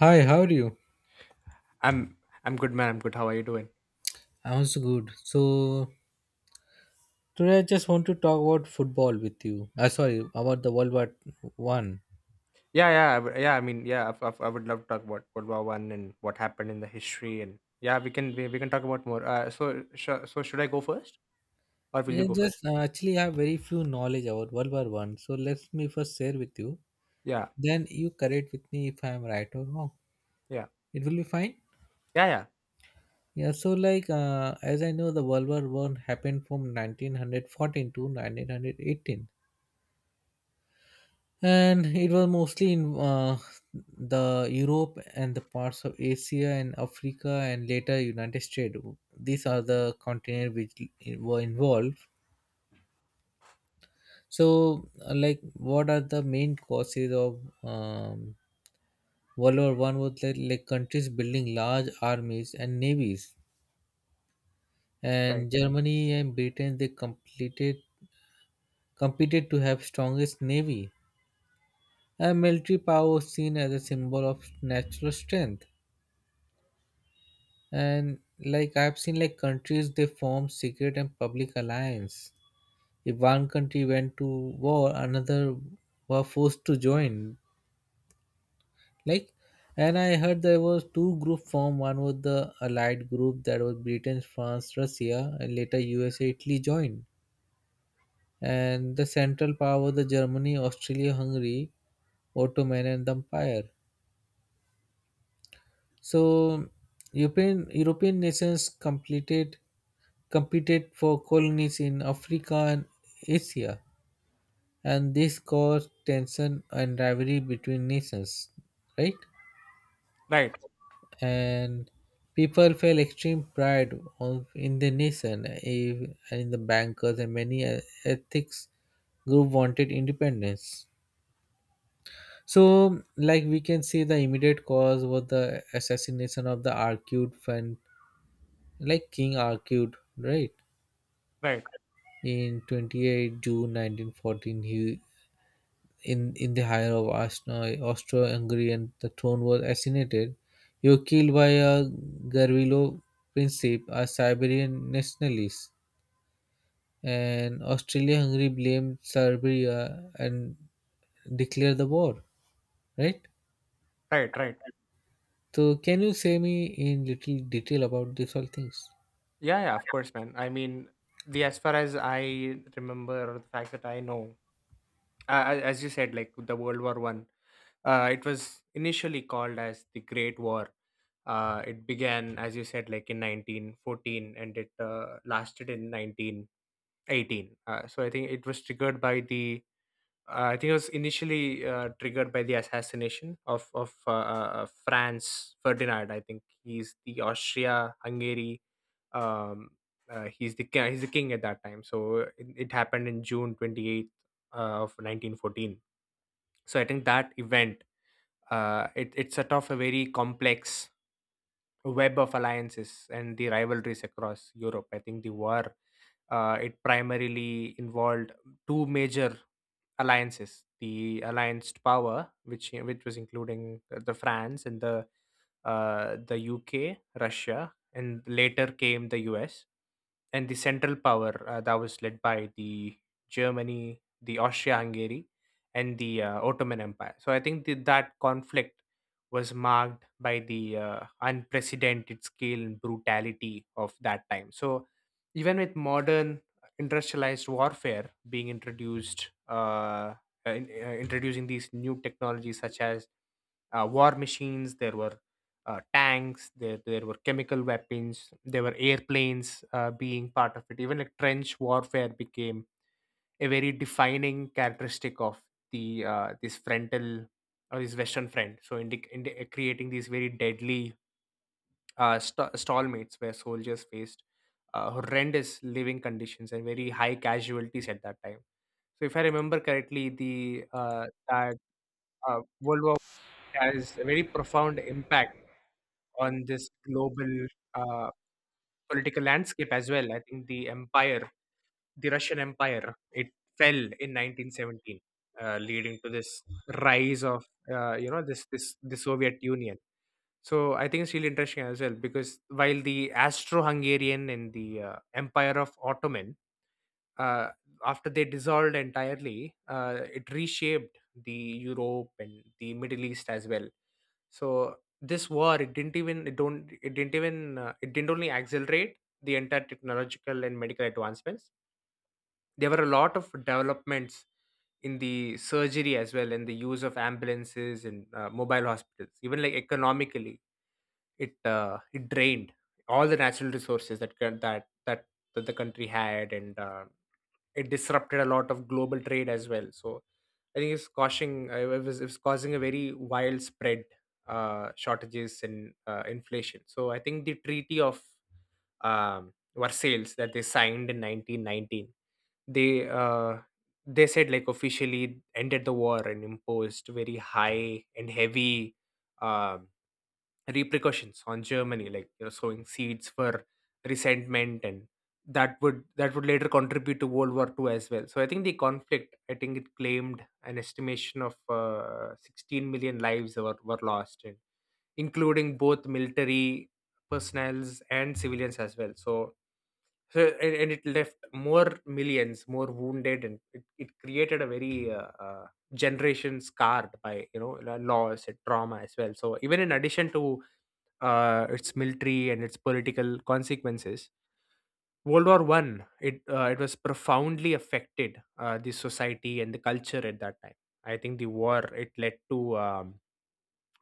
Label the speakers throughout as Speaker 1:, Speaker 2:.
Speaker 1: Hi, how are you?
Speaker 2: I'm I'm good, man. I'm good. How are you doing?
Speaker 1: I'm also good. Today I just want to talk about football with you. Sorry, about the World War One.
Speaker 2: Yeah, yeah, I would- yeah. I mean, yeah, I would love to talk about World War One and what happened in the history, and yeah, we can talk about more. So should I go first, or will you
Speaker 1: Yeah,
Speaker 2: go first?
Speaker 1: just actually I have very few knowledge about World War One. So let me first share with you.
Speaker 2: Yeah,
Speaker 1: Then you correct with me if I am right or wrong.
Speaker 2: yeah,
Speaker 1: It will be fine.
Speaker 2: yeah, yeah.
Speaker 1: Yeah. As I know, the World War One happened from 1914 to 1918. And it was mostly in the Europe and the parts of Asia and Africa and later United States. These are the continent which were involved. What are the main causes of World War One? Was like countries building large armies and navies,
Speaker 2: Right,
Speaker 1: and Germany and Britain they completed competed to have strongest navy. A military power was seen as a symbol of natural strength. And like I've seen like countries they form secret and public alliance. If one country went to war, another were forced to join. Like, and I heard there was two group formed. One was the allied group that was Britain, France, Russia, and later USA, Italy joined. And the central power was the Germany, Australia, Hungary, Ottoman and the Empire. So European nations completed competed for colonies in Africa and Asia, and this caused tension and rivalry between nations, right?
Speaker 2: right,
Speaker 1: And people felt extreme pride of, in the nation and in the bankers and many ethics group wanted independence. So, like we can see, the immediate cause was the assassination of the Arcute fan like King argued, right?
Speaker 2: right,
Speaker 1: In 28th June 1914, he in the hire of Austro-Hungarian, the throne was assassinated. He was killed by a Gavrilo Princip, a Siberian nationalist, and Austria-Hungary blamed Serbia and declared the war, right?
Speaker 2: right, right.
Speaker 1: So, can you say me in little detail about these all things?
Speaker 2: Yeah, yeah. Of course, man. I mean, the as far as I remember, or the facts that I know, as you said, like the World War One. It was initially called as the Great War. It began, as you said, like in 1914 and it lasted in 1918. So I think it was triggered by I think it was initially triggered by the assassination of Franz Ferdinand. I think he's the Austria Hungary. Um, he's the king at that time. So it happened in June 28th uh, of 1914, so I think that event it set off a very complex web of alliances and the rivalries across Europe. I think the war it primarily involved two major alliances: the allianced power, which was including the France and the UK, Russia, and later came the US, and the central power that was led by the Germany, the Austria-Hungary, and the Ottoman Empire. So I think that conflict was marked by the unprecedented scale and brutality of that time. So even with modern industrialized warfare being introduced, introducing these new technologies such as war machines, there were tanks, there were chemical weapons, there were airplanes being part of it. Even like trench warfare became a very defining characteristic of the this frontal or this western front, so creating these very deadly stallmates where soldiers faced horrendous living conditions and very high casualties at that time. So if I remember correctly, the that world war has a very profound impact on this global uh, political landscape as well. I think the Russian Empire, it fell in 1917, leading to this rise of you know this this the Soviet Union. So I think it's really interesting as well because while the Austro-Hungarian and the Empire of Ottoman, uh, after they dissolved entirely, it reshaped the Europe and the Middle East as well. So this war, it didn't even it didn't only accelerate the entire technological and medical advancements. There were a lot of developments in the surgery as well, and the use of ambulances and mobile hospitals. Even like economically, it it drained all the natural resources that that the country had, and it disrupted a lot of global trade as well. So I think it's causing it was, it causing a very widespread shortages and inflation. So I think the treaty of Versailles that they signed in 1919, They uh, they said like officially ended the war and imposed very high and heavy um repercussions on Germany, like you know, sowing seeds for resentment, and that would later contribute to World War Two as well. So I think the conflict, I think it claimed an estimation of 16 million lives were lost, and including both military personnels and civilians as well. So, so and it left more millions, more wounded, and it created a very generation scarred by you know loss and trauma as well. So even in addition to its military and its political consequences, World War One, it was profoundly affected the society and the culture at that time. I think the war it led to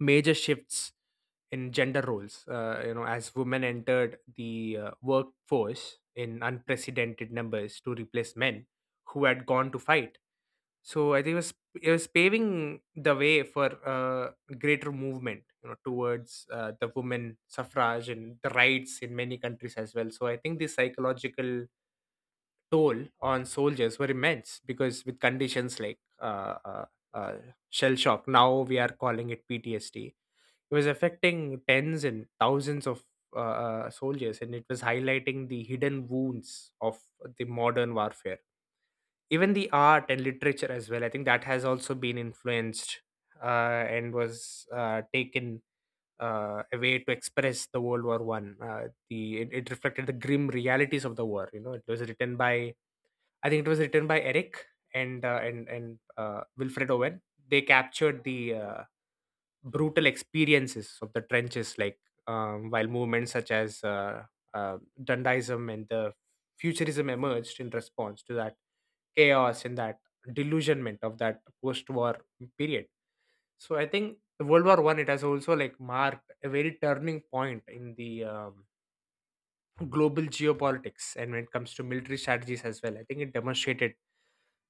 Speaker 2: major shifts in gender roles. You know, as women entered the workforce in unprecedented numbers to replace men who had gone to fight, so I think it was paving the way for greater movement, you know, towards the women suffrage and the rights in many countries as well. So I think the psychological toll on soldiers were immense because with conditions like uh, shell shock, now we are calling it PTSD. It was affecting tens and thousands of soldiers, and it was highlighting the hidden wounds of the modern warfare. Even the art and literature as well, I think that has also been influenced and was taken a way to express the World War one the it, it reflected the grim realities of the war. You know, it was written by Eric and Wilfred Owen. They captured the uh, brutal experiences of the trenches, like while movements such as Dandaism and the Futurism emerged in response to that chaos and that delusionment of that post-war period. So I think the World War One, it has also like marked a very turning point in the global geopolitics, and when it comes to military strategies as well. I think it demonstrated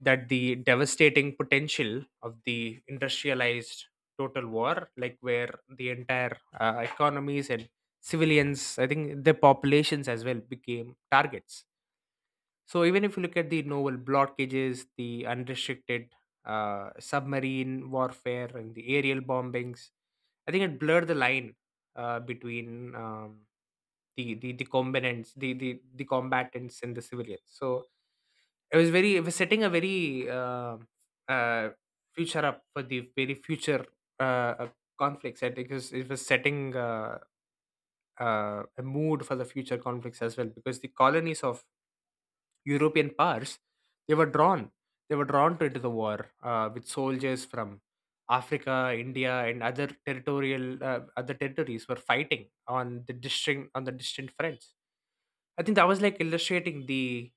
Speaker 2: that the devastating potential of the industrialized total war, like where the entire economies and civilians, I think their populations as well became targets. So even if you look at the naval blockages, the unrestricted submarine warfare, and the aerial bombings, I think it blurred the line between the combatants and the civilians. So it was setting a very uh, future up for the very future uh, uh, conflicts. I think it was setting a mood for the future conflicts as well, because the colonies of European powers, they were drawn. They were drawn to into the war with soldiers from Africa, India, and other territories were fighting on the distant fronts. I think that was like illustrating the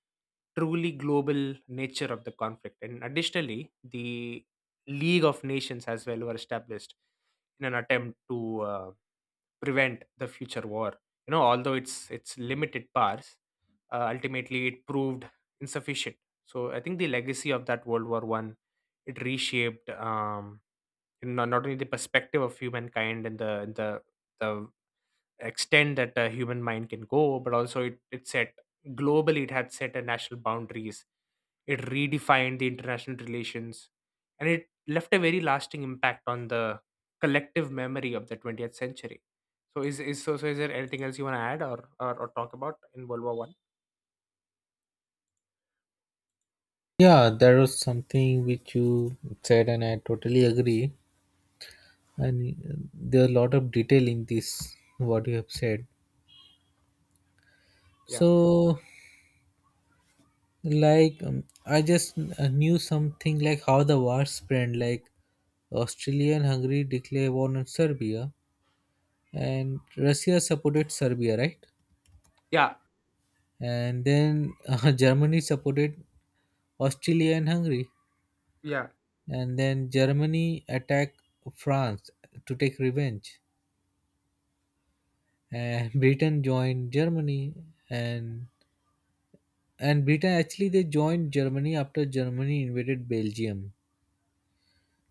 Speaker 2: truly global nature of the conflict. And additionally, the League of Nations as well were established in an attempt to prevent the future war. You know, although it's limited powers, ultimately it proved insufficient. So I think the legacy of that World War One, it reshaped you know, not only the perspective of humankind and the extent that the human mind can go, but also it set globally, it had set a national boundaries, it redefined the international relations, and it left a very lasting impact on the collective memory of the 20th century. So is so so is there anything else you want to add or talk about in World War One?
Speaker 1: Yeah, there was something which you said, and I totally agree. And there are a lot of detail in this what you have said.
Speaker 2: Yeah,
Speaker 1: So I just knew something like how the war spread, like Australia and Hungary declare war on Serbia, and Russia supported Serbia, right?
Speaker 2: yeah.
Speaker 1: And then Germany supported Australia and Hungary.
Speaker 2: Yeah.
Speaker 1: And then Germany attacked France to take revenge. And Britain joined Germany. And and Britain actually they joined Germany after Germany invaded Belgium.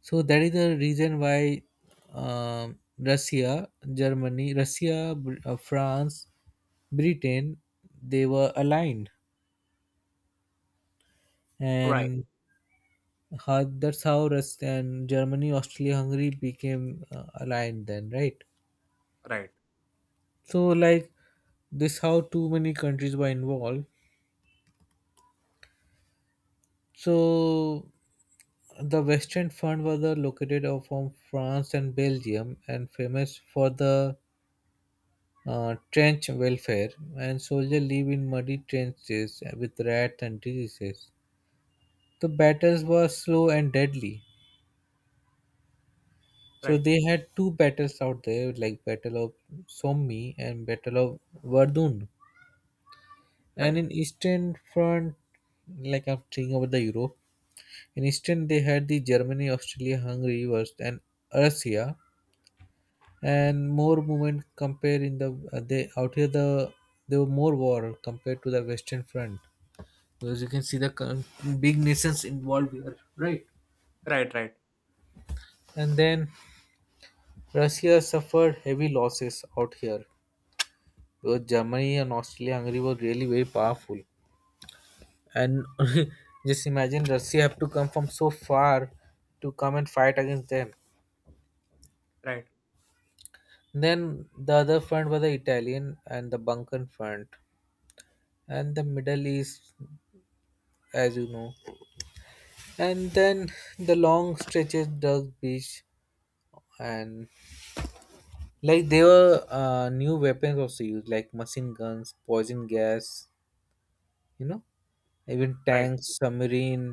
Speaker 1: So that is the reason why Russia, France, Britain, they were aligned,
Speaker 2: Right.
Speaker 1: and how, that's how Rus- and Germany, Austria, Hungary became aligned then, right?
Speaker 2: Right.
Speaker 1: So like this, how too many countries were involved. So the West End Fund was located from France and Belgium and famous for the trench welfare, and soldiers live in muddy trenches with rats and diseases. The battles were slow and deadly. So
Speaker 2: Right.
Speaker 1: they had two battles out there like Battle of Somme and Battle of Verdun. And
Speaker 2: Right.
Speaker 1: in Eastern Front, like I'm thinking about the Europe, in Eastern they had the Germany, Austria, Hungary, was and Russia, and more movement compared in the they out here the there were more war compared to the western front, because you can see the big nations involved here, right?
Speaker 2: Right. Right.
Speaker 1: And then Russia suffered heavy losses out here because Germany and Austria Hungary were really very powerful. And just imagine Russia have to come from so far to come and fight against them.
Speaker 2: Right.
Speaker 1: Then the other front was the Italian and the Balkan front and the Middle East, as you know. And then the long stretches dug beach. And like there were new weapons also used, like machine guns, poison gas, you know, even
Speaker 2: Right.
Speaker 1: tanks, submarine,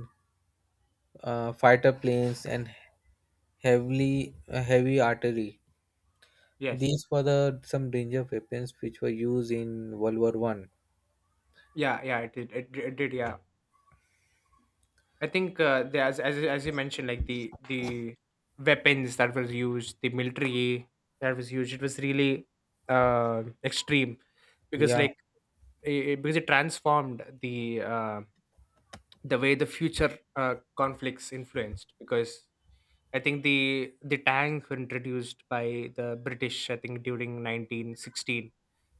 Speaker 1: fighter planes, and heavily heavy artillery.
Speaker 2: Yes.
Speaker 1: These were the some danger weapons which were used in World War One.
Speaker 2: Yeah. Yeah. It did. It did. Yeah. I think as as you mentioned, like the weapons that was used, the military that was used, it was really extreme because
Speaker 1: yeah
Speaker 2: because it transformed the way the future conflicts influenced, because I think the tanks were introduced by the British. I think during 1916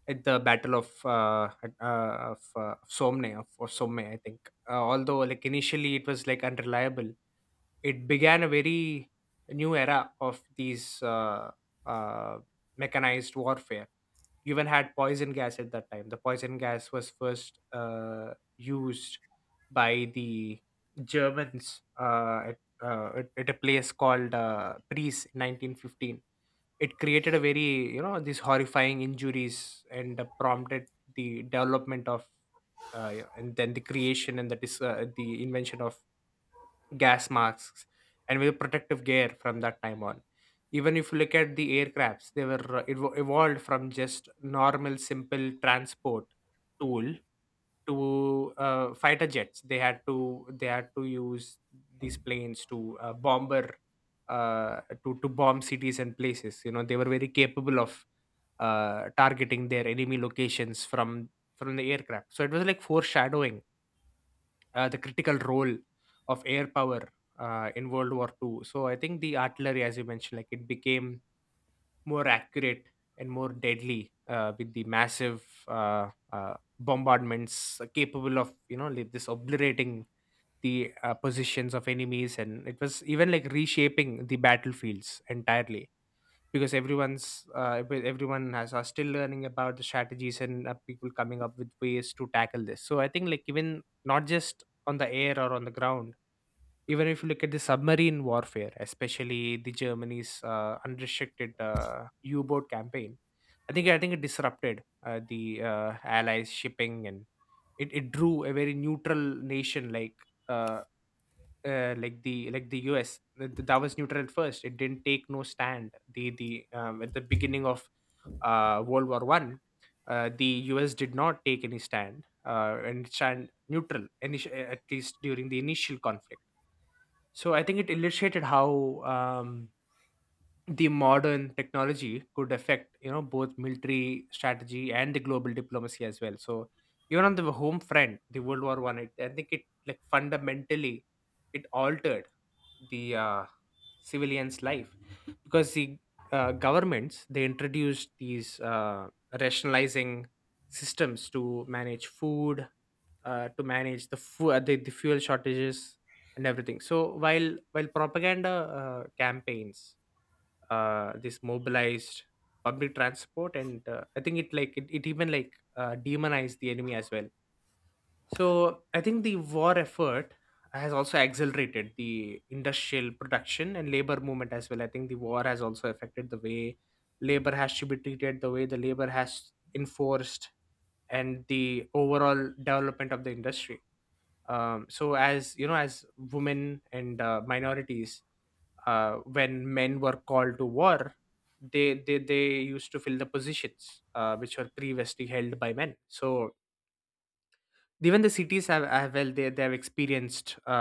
Speaker 2: at the battle of Somme or Somme, I think although like initially it was like unreliable, it began a very new era of these uh, mechanized warfare. You even had poison gas at that time. The poison gas was first used by the Germans at a place called Priest in 1915. It created a very, you know, these horrifying injuries and prompted the development of, yeah, and then the creation and the, the invention of gas masks and with protective gear from that time on. Even if you look at the aircrafts, they were evolved from just normal simple transport tool to fighter jets. They had to use these planes to bomber to bomb cities and places. You know, they were very capable of targeting their enemy locations from the aircraft. So it was like foreshadowing the critical role of air power in World War Two. So I think the artillery, as you mentioned, like it became more accurate and more deadly with the massive bombardments capable of, you know, like this obliterating the positions of enemies, and it was even like reshaping the battlefields entirely because everyone has are still learning about the strategies and people coming up with ways to tackle this. So I think like even not just on the air or on the ground, even if you look at the submarine warfare, especially the germany's unrestricted u-boat campaign, I think it disrupted the allies shipping, and it drew a very neutral nation uh, like the US that was neutral at first. It didn't take no stand. The At the beginning of World War One, the US did not take any stand and stand neutral. At least during the initial conflict. So I think it illustrated how the modern technology could affect, you know, both military strategy and the global diplomacy as well. So even on the home front, the World War One, I think it like fundamentally it altered the civilians' life, because the governments they introduced these rationalizing systems to manage food, to manage the, fu- the fuel shortages and everything. So while propaganda campaigns, this mobilized public transport, and I think it like it even like demonized the enemy as well. So I think the war effort has also accelerated the industrial production and labor movement as well. I think the war has also affected the way labor has to be treated, the way the labor has enforced, and the overall development of the industry. So as you know, as women and minorities, when men were called to war, they used to fill the positions which were previously held by men. So even the cities they have experienced uh,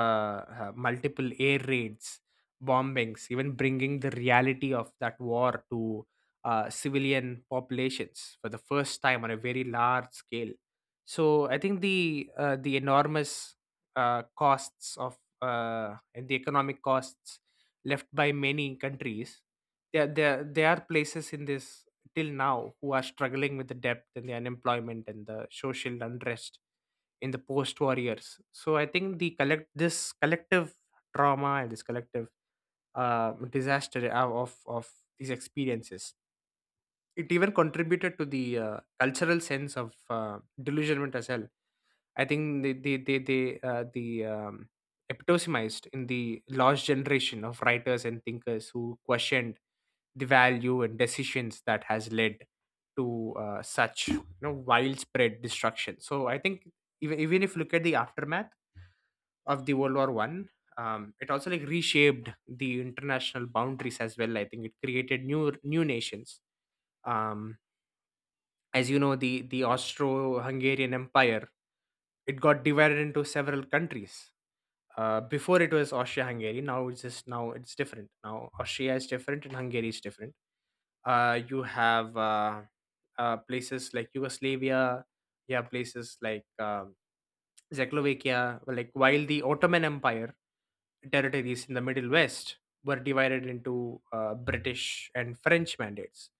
Speaker 2: uh, multiple air raids, bombings, even bringing the reality of that war to civilian populations for the first time on a very large scale. So I think the enormous costs of and the economic costs left by many countries, there are places in this till now who are struggling with the debt and the unemployment and the social unrest in the post-war years. So I think the collect this collective trauma and this collective disaster of these experiences, it even contributed to the cultural sense of delusionment as well. I think they the epitomized in the lost generation of writers and thinkers who questioned the value and decisions that has led to such, you know, widespread destruction. So I think even, even if you look at the aftermath of the world war one, it also like reshaped the international boundaries as well. I think it created new nations. um, as you know, the austro-hungarian empire, it got divided into several countries. Before it was austria-hungary, now it's different. Now austria is different and hungary is different. You have places like Yugoslavia, you have places like Czechoslovakia, like while the Ottoman Empire territories in the Middle West were divided into British and French mandates.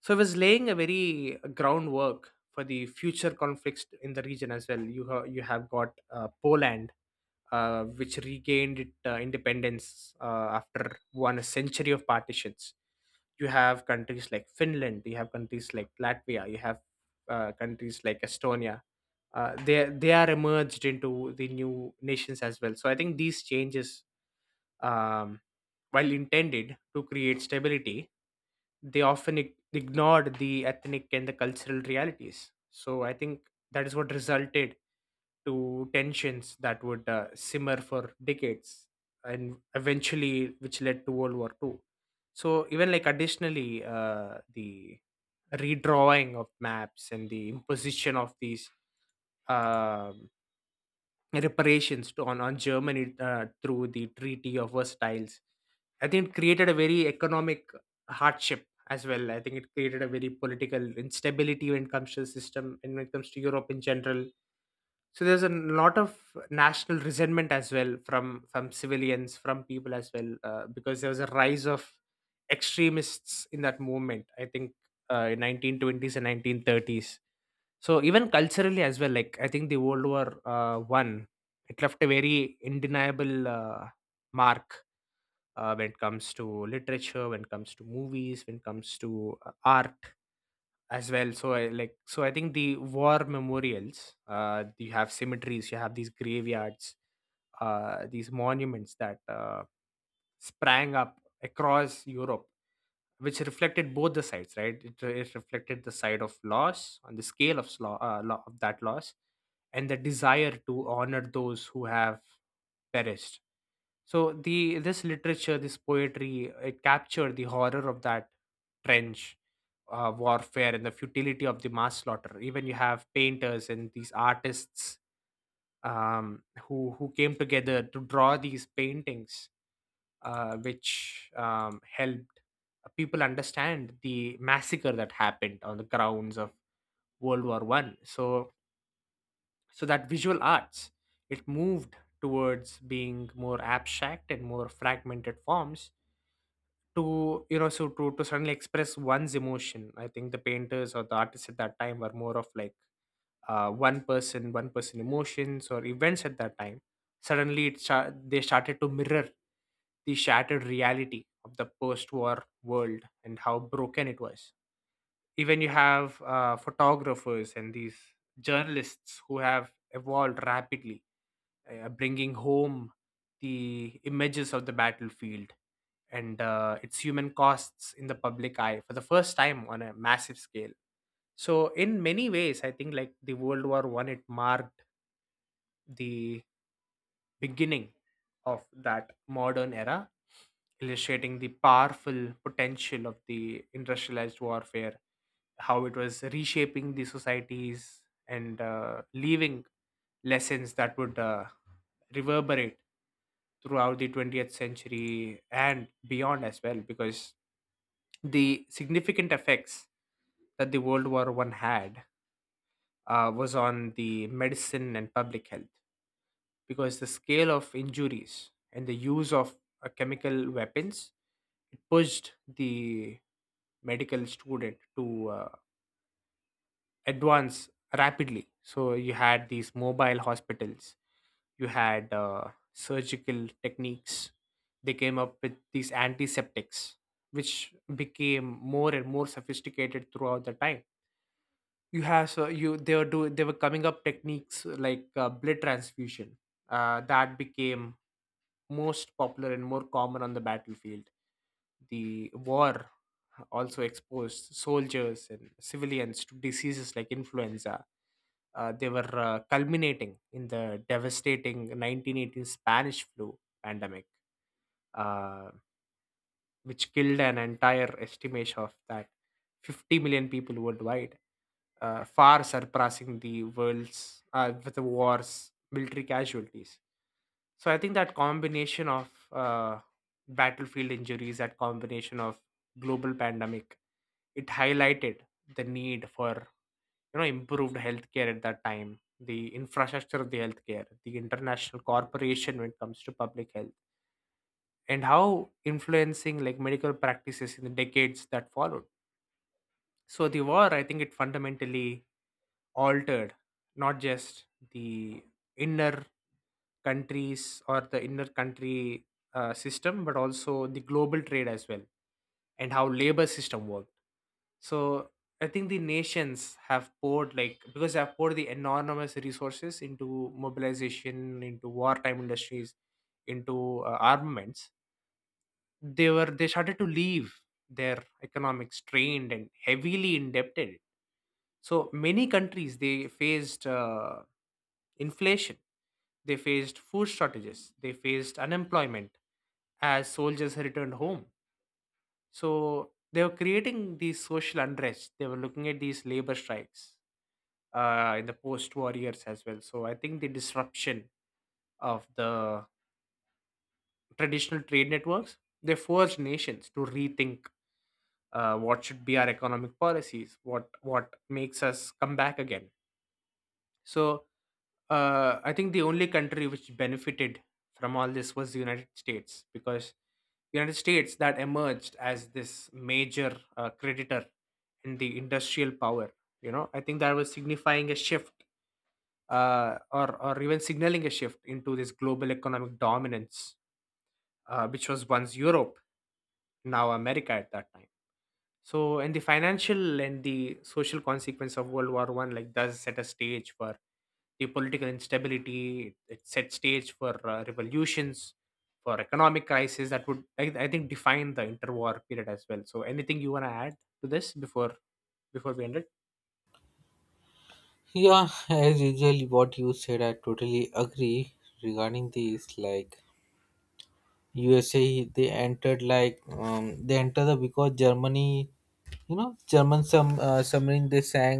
Speaker 2: So it was laying a very groundwork for the future conflicts in the region as well. You have got Poland, which regained its independence after one century of partitions. You have countries like Finland, you have countries like Latvia, you have countries like Estonia. They are emerged into the new nations as well. So I think these changes, um, while intended to create stability, they often ignored the ethnic and the cultural realities. So I think that is what resulted to tensions that would simmer for decades and eventually which led to world war Two. So even like additionally the redrawing of maps and the imposition of these um reparations on Germany through the Treaty of Versailles. I think it created a very economic hardship as well. I think it created a very political instability when it comes to the system and when it comes to Europe in general. So there's a lot of national resentment as well from civilians from people as well, because there was a rise of extremists in that movement. I think in 1920s and 1930s. So even culturally as well, like I think the world war one, it left a very undeniable mark when it comes to literature, when it comes to movies, when it comes to art as well. So I, like so I think the war memorials, you have cemeteries, you have these graveyards, these monuments that sprang up across europe, which reflected both the sides, right? It reflected the side of loss on the scale of of that loss and the desire to honor those who have perished. So the this literature, this poetry, it captured the horror of that trench warfare and the futility of the mass slaughter. Even you have painters and these artists who came together to draw these paintings, which helped people understand the massacre that happened on the grounds of World War One. So so that visual arts, it moved towards being more abstract and more fragmented forms to, you know, so to suddenly express one's emotion. I think the painters or the artists at that time were more of like one person emotions or events at that time. Suddenly they started to mirror the shattered reality of the post-war world and how broken it was. Even you have photographers and these journalists who have evolved rapidly, bringing home the images of the battlefield and its human costs in the public eye for the first time on a massive scale. So in many ways, I think like the world war One, it marked the beginning of that modern era, illustrating the powerful potential of the industrialized warfare, how it was reshaping the societies and leaving lessons that would reverberate throughout the 20th century and beyond as well, because the significant effects that the world war one had, was on the medicine and public health, because the scale of injuries and the use of chemical weapons, it pushed the medical student to advance rapidly. So you had these mobile hospitals, you had surgical techniques, they came up with these antiseptics which became more and more sophisticated throughout the time. You have, so you they were do they were coming up techniques like blood transfusion that became most popular and more common on the battlefield. The war also exposed soldiers and civilians to diseases like influenza. They were Culminating in the devastating 1918 Spanish flu pandemic, uh, which killed an entire estimation of that 50 million people worldwide, far surpassing the world's with the war's military casualties. So I think that combination of battlefield injuries, that combination of global pandemic, it highlighted the need for, you know, improved healthcare at that time, the infrastructure of the healthcare, the international corporation when it comes to public health, and how influencing like medical practices in the decades that followed. So the war, I think it fundamentally altered not just the inner countries or the inner country system, but also the global trade as well, and how labor system worked. So I think the nations have poured, like because they have poured the enormous resources into mobilization, into wartime industries, into armaments. They started to leave their economics strained and heavily indebted. So many countries they faced inflation, they faced food shortages, they faced unemployment as soldiers returned home. So they were creating these social unrest. They were looking at these labor strikes in the post war years as well. So I think the disruption of the traditional trade networks, they forced nations to rethink what should be our economic policies, what makes us come back again. So I think the only country which benefited from all this was the United States, because United States that emerged as this major creditor in the industrial power. You know, I think that was signifying a shift, or even signaling a shift into this global economic dominance, which was once Europe, now America at that time. So, and the financial and the social consequence of World War One like does set a stage for the political instability. It set stage for revolutions, for economic crisis that would I think define the interwar period as well. So, anything you want to add to this before we end it?
Speaker 1: yeah as usual what you said I totally agree. Regarding this, like USA they entered because Germany, you know, German some submarine they sang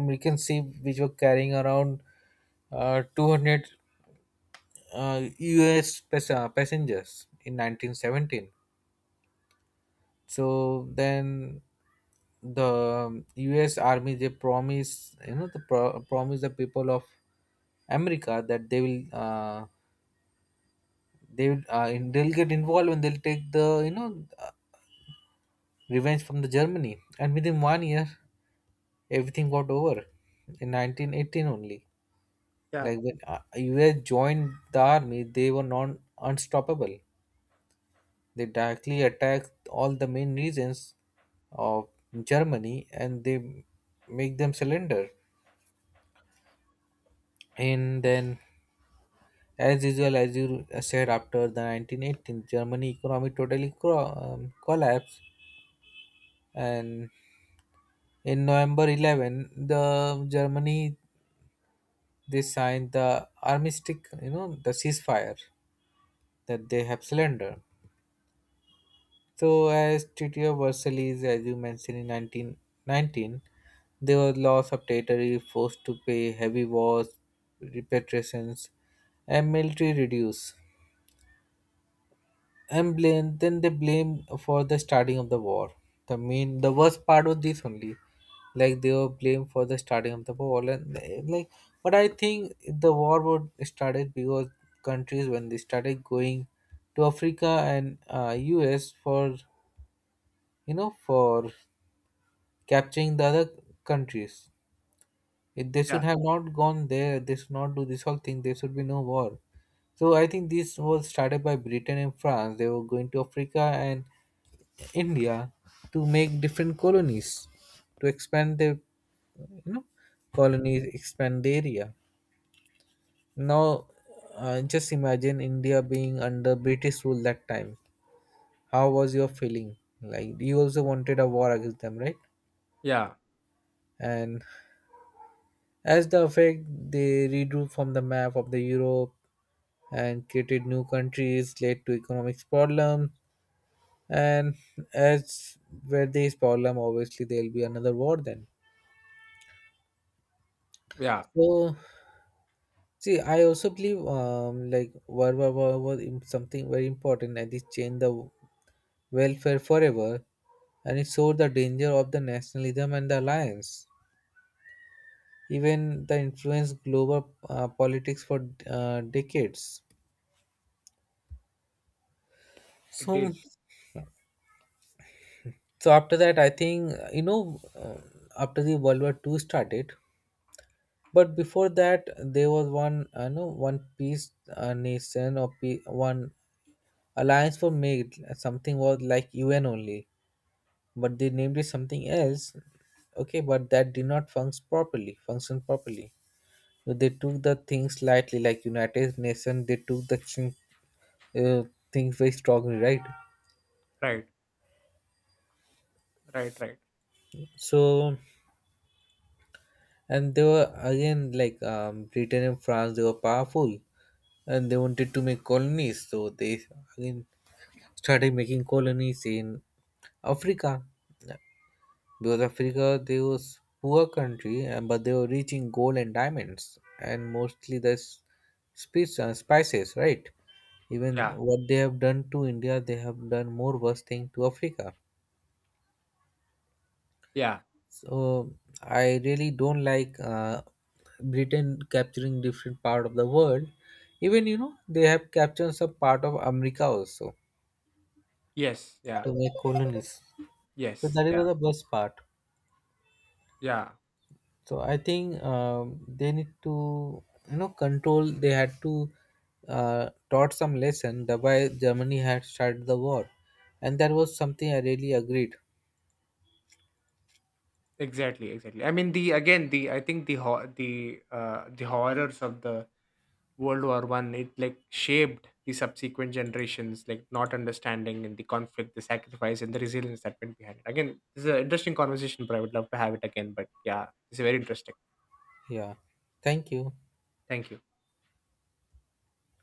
Speaker 1: American ship which were carrying around 200 US passengers in 1917. So then the US army they promise you know the pro- promise the people of America that they'll get involved and they'll take the, you know, revenge from the Germany, and within 1 year everything got over in 1918 only.
Speaker 2: Yeah,
Speaker 1: Like when US joined the army, they were non unstoppable. They directly attacked all the main regions of Germany and they make them surrender. And then, as usual, as you said, after the 1918, Germany economy totally collapsed. And in November 11th, the Germany they signed the armistice, you know, the ceasefire that they have surrendered. So, as Tito Versailles, as you mentioned in 1919, there was loss of territory, forced to pay heavy wars, repatriations, and military reduce. And blame, then they blame for the starting of the war. The main, the worst part was this only. Like they were blamed for the starting of the war and like, but I think the war would started because countries when they started going to Africa and US for, you know, for capturing the other countries. If they
Speaker 2: yeah,
Speaker 1: should have not gone there, they should not do this whole thing, there should be no war. So I think this was started by Britain and France. They were going to Africa and India to make different colonies, to expand their, you know, colonies, expand the area. Now, just imagine India being under British rule that time, how was your feeling. Like you also wanted a war against them, right?
Speaker 2: yeah,
Speaker 1: And as the effect, they redrew from the map of the Europe and created new countries, led to economic problems. And as with these problem, obviously there'll be another war then.
Speaker 2: yeah.
Speaker 1: So see, I also believe like World War War was something very important, and it changed the welfare forever, and it showed the danger of the nationalism and the alliance. Even the influence global politics for decades.
Speaker 2: It
Speaker 1: So,
Speaker 2: did.
Speaker 1: so after that, I think, after the World War Two started, but before that, there was one, you know, one peace nation, or one alliance were made. Something was like UN only, but they named it something else. Okay, but that did not function properly. Function properly. So they took the things lightly, like United Nations. They took the uh, things very strongly, right?
Speaker 2: Right, right, right.
Speaker 1: So and they were again like Britain and France. They were powerful and they wanted to make colonies, so they again started making colonies in Africa, because Africa they was poor country, and but they were reaching gold and diamonds and mostly the spices, right? Even
Speaker 2: Yeah,
Speaker 1: what they have done to India, they have done more worse thing to Africa.
Speaker 2: yeah.
Speaker 1: So I really don't like Britain capturing different part of the world. Even you know they have captured some part of America also
Speaker 2: Yes, yeah,
Speaker 1: to make colonies. So
Speaker 2: yes,
Speaker 1: that
Speaker 2: Yeah.
Speaker 1: was the best part.
Speaker 2: Yeah,
Speaker 1: So I think they need to, you know, control. They had to taught some lesson. Thereby Germany had started the war, and that was something I really agreed.
Speaker 2: exactly, exactly. I mean, the again, the I think the horrors of the World War One, it like shaped the subsequent generations, like not understanding and the conflict, the sacrifice, and the resilience that went behind it. Again, this is an interesting conversation, but I would love to have it again. But yeah, it's very interesting.
Speaker 1: Yeah. Thank you.
Speaker 2: Thank you.